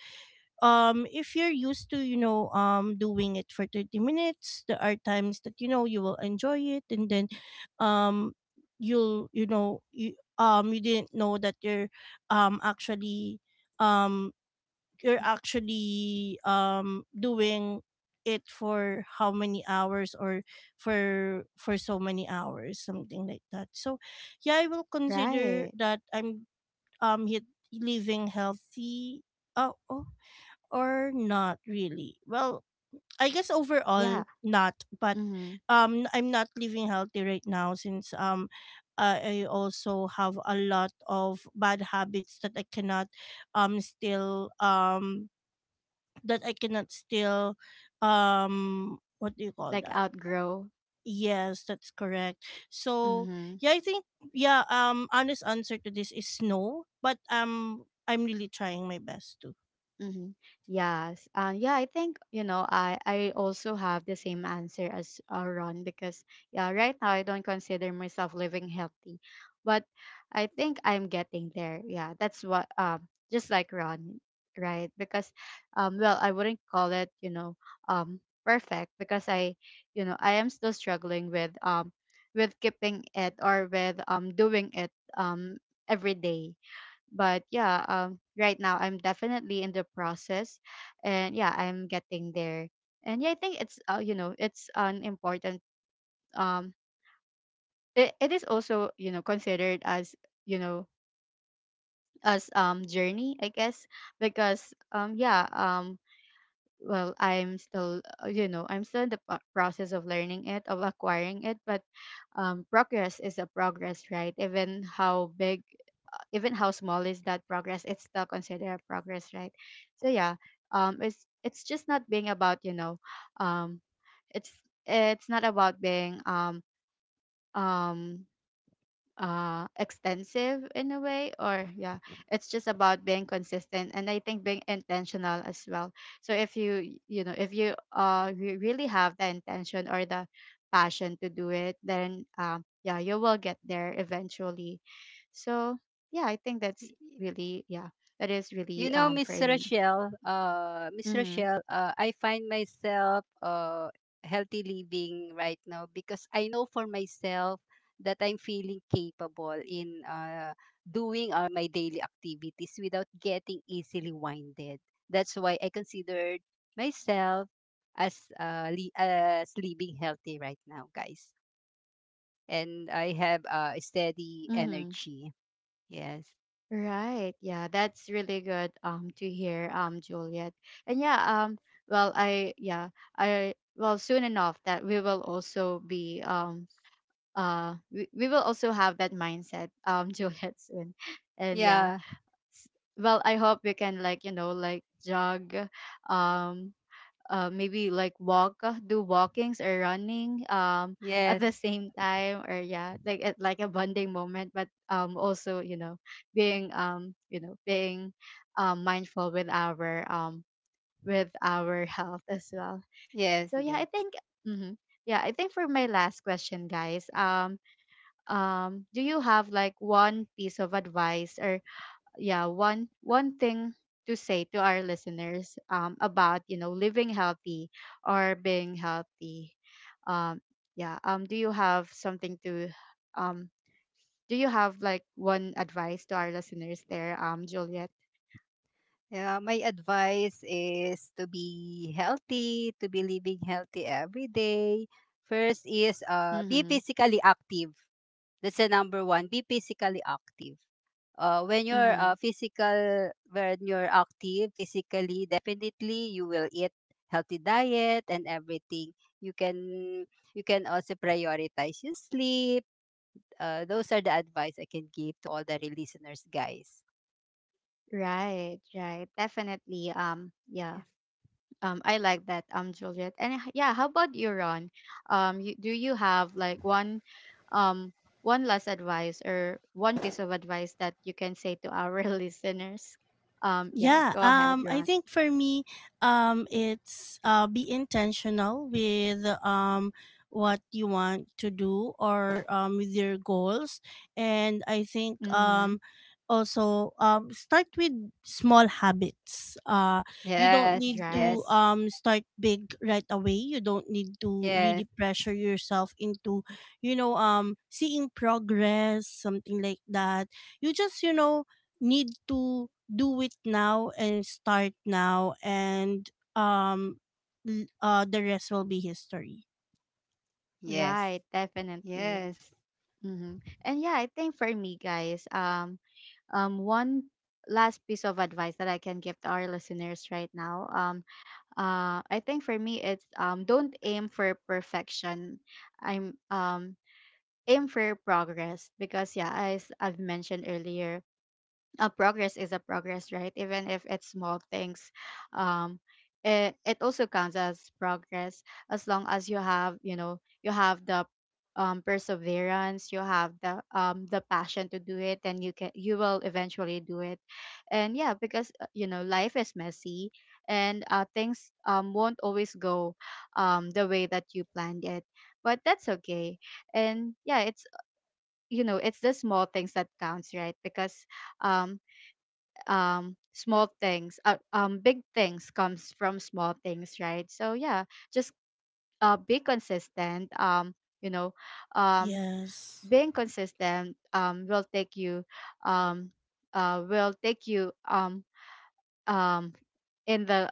Speaker 2: if you're used to, you know, doing it for 30 minutes, there are times that, you know, you will enjoy it, and then um you'll, you know, you you didn't know that you're actually um you're actually doing it for how many hours, or for so many hours, something like that. So yeah, I will consider
Speaker 1: Right.
Speaker 2: that I'm living healthy. Oh, oh, or not really? Well, I guess overall
Speaker 1: Yeah.
Speaker 2: not, but
Speaker 1: Mm-hmm.
Speaker 2: I'm not living healthy right now since I also have a lot of bad habits that I cannot still that I cannot still what do you call
Speaker 1: Like
Speaker 2: that?
Speaker 1: outgrow.
Speaker 2: Yes, that's correct. So
Speaker 1: Mm-hmm.
Speaker 2: yeah, I think, yeah, honest answer to this is no, but I'm really trying my best.
Speaker 1: Mm-hmm. Yes. Yeah, I think, you know, I also have the same answer as, Ron, because, yeah, right now I don't consider myself living healthy, but I think I'm getting there. Yeah, that's what, just like Ron, right? Because, well, I wouldn't call it, you know, um, perfect, because I, you know, I am still struggling with keeping it, or with, doing it, um, every day. But yeah, right now I'm definitely in the process, and yeah, I'm getting there. And yeah, I think it's, you know, it's an important um it is also, you know, considered as, you know, as journey, I guess. Because well, I'm still, you know, I'm still in the process of learning it, of acquiring it. But progress is a progress, right? Even how big, even how small is that progress, it's still considered progress, right? So yeah, it's just not being about, you know, um it's it's not about being um extensive in a way, or yeah, it's just about being consistent, and I think being intentional as well. So if you, you know, if you, you really have the intention or the passion to do it, then, yeah, you will get there eventually. So yeah, I think that's
Speaker 3: Y- y-
Speaker 1: really, yeah, that is
Speaker 3: You
Speaker 1: really,
Speaker 3: know,
Speaker 1: for
Speaker 3: Miss
Speaker 1: me.
Speaker 3: Rochelle,
Speaker 1: Mm-hmm.
Speaker 3: I find myself healthy living right now because I know for myself that I'm feeling capable in doing all my daily activities without getting easily winded. That's why I considered myself as as living healthy right now, guys. And I have a steady
Speaker 1: Mm-hmm.
Speaker 3: energy. Yes.
Speaker 1: Right. Yeah, that's really good to hear, Juliet. And yeah, um well, I, yeah, I, well, soon enough that we will also be, we will also have that mindset, Juliet, soon. And yeah.
Speaker 3: Yeah.
Speaker 1: S- well, I hope we can, like, you know, like jog, um maybe like walk, do walkings or running,
Speaker 3: Yes.
Speaker 1: at the
Speaker 3: Mm.
Speaker 1: same time, or yeah, like at like a bonding moment. But also, you know, being, you know, being mindful with our, with our health as well.
Speaker 3: Yes.
Speaker 1: So yeah,
Speaker 3: Okay.
Speaker 1: I think mhm. Yeah, I think for my last question, guys, do you have like one piece of advice, or yeah, one, one thing to say to our listeners about, you know, living healthy or being healthy? um yeah do you have something to, um do you have like one advice to our listeners there, Juliet?
Speaker 3: Yeah, my advice is to be healthy, to be living healthy every day. First is be
Speaker 1: Mm-hmm.
Speaker 3: physically active. That's the number one. Be physically active. When you're
Speaker 1: Mm-hmm.
Speaker 3: when you're active physically, definitely you will eat healthy diet and everything. You can you can also prioritize your sleep. Those are the advice I can give to all the listeners, guys.
Speaker 1: Right, right, definitely, yeah.
Speaker 3: Yes.
Speaker 1: I like that, Juliet. And yeah, how about you, Ron? Um, do you have like one, um, one last advice, or one piece of advice that you can say to our listeners? Yeah,
Speaker 2: Yeah,
Speaker 1: go ahead,
Speaker 2: I
Speaker 1: Ron.
Speaker 2: think for me, it's be intentional with what you want to do, or with your goals. And I think
Speaker 1: Mm-hmm.
Speaker 2: also start with small habits. You don't need
Speaker 3: Yes,
Speaker 2: to
Speaker 1: Right.
Speaker 3: yes,
Speaker 2: start big right away. You don't need to
Speaker 3: yes,
Speaker 2: really pressure yourself into, you know, seeing progress, something like that. You just, you know, need to do it now and start now, and the rest will be history.
Speaker 3: yes,
Speaker 1: Right. Definitely.
Speaker 3: yes,
Speaker 1: Mm-hmm. And yeah, I think for me, guys, one last piece of advice that I can give to our listeners right now, I think for me it's, don't aim for perfection. I'm Aim for progress, because yeah, as I've mentioned earlier, progress is a progress, right? Even if it's small things, um, it also counts as progress, as long as you have, you know, you have the perseverance, you have the passion to do it, and you will eventually do it. And yeah, because you know, life is messy, and things won't always go the way that you planned it, but that's okay. And yeah, it's, you know, it's the small things that counts, right? Because um, small things, big things comes from small things, right? So yeah, just, be consistent. Um, you know, um
Speaker 2: Yes.
Speaker 1: being consistent will take you, um will take you, um in the,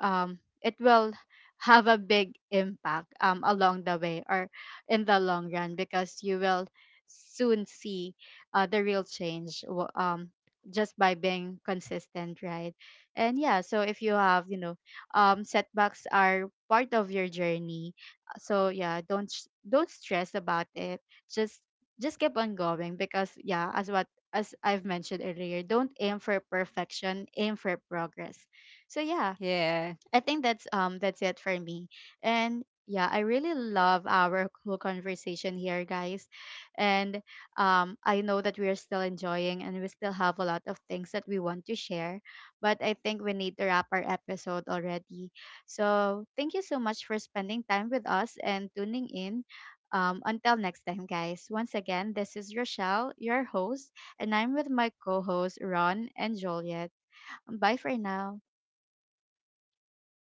Speaker 1: it will have a big impact, along the way, or in the long run, because you will soon see, the real change, just by being consistent, right? And yeah, so if you have, you know, setbacks are part of your journey. So yeah, don't don't stress about it. just just keep on going, because yeah, as what, as I've mentioned earlier, don't aim for perfection, aim for progress. So yeah,
Speaker 3: yeah.
Speaker 1: I think that's, that's it for me. And yeah, I really love our whole conversation here, guys. And I know that we are still enjoying and we still have a lot of things that we want to share, but I think we need to wrap our episode already. So, thank you so much for spending time with us and tuning in. Until next time, guys. Once again, this is Rochelle, your host, and I'm with my co hosts, Ron and Joliet. Bye for now.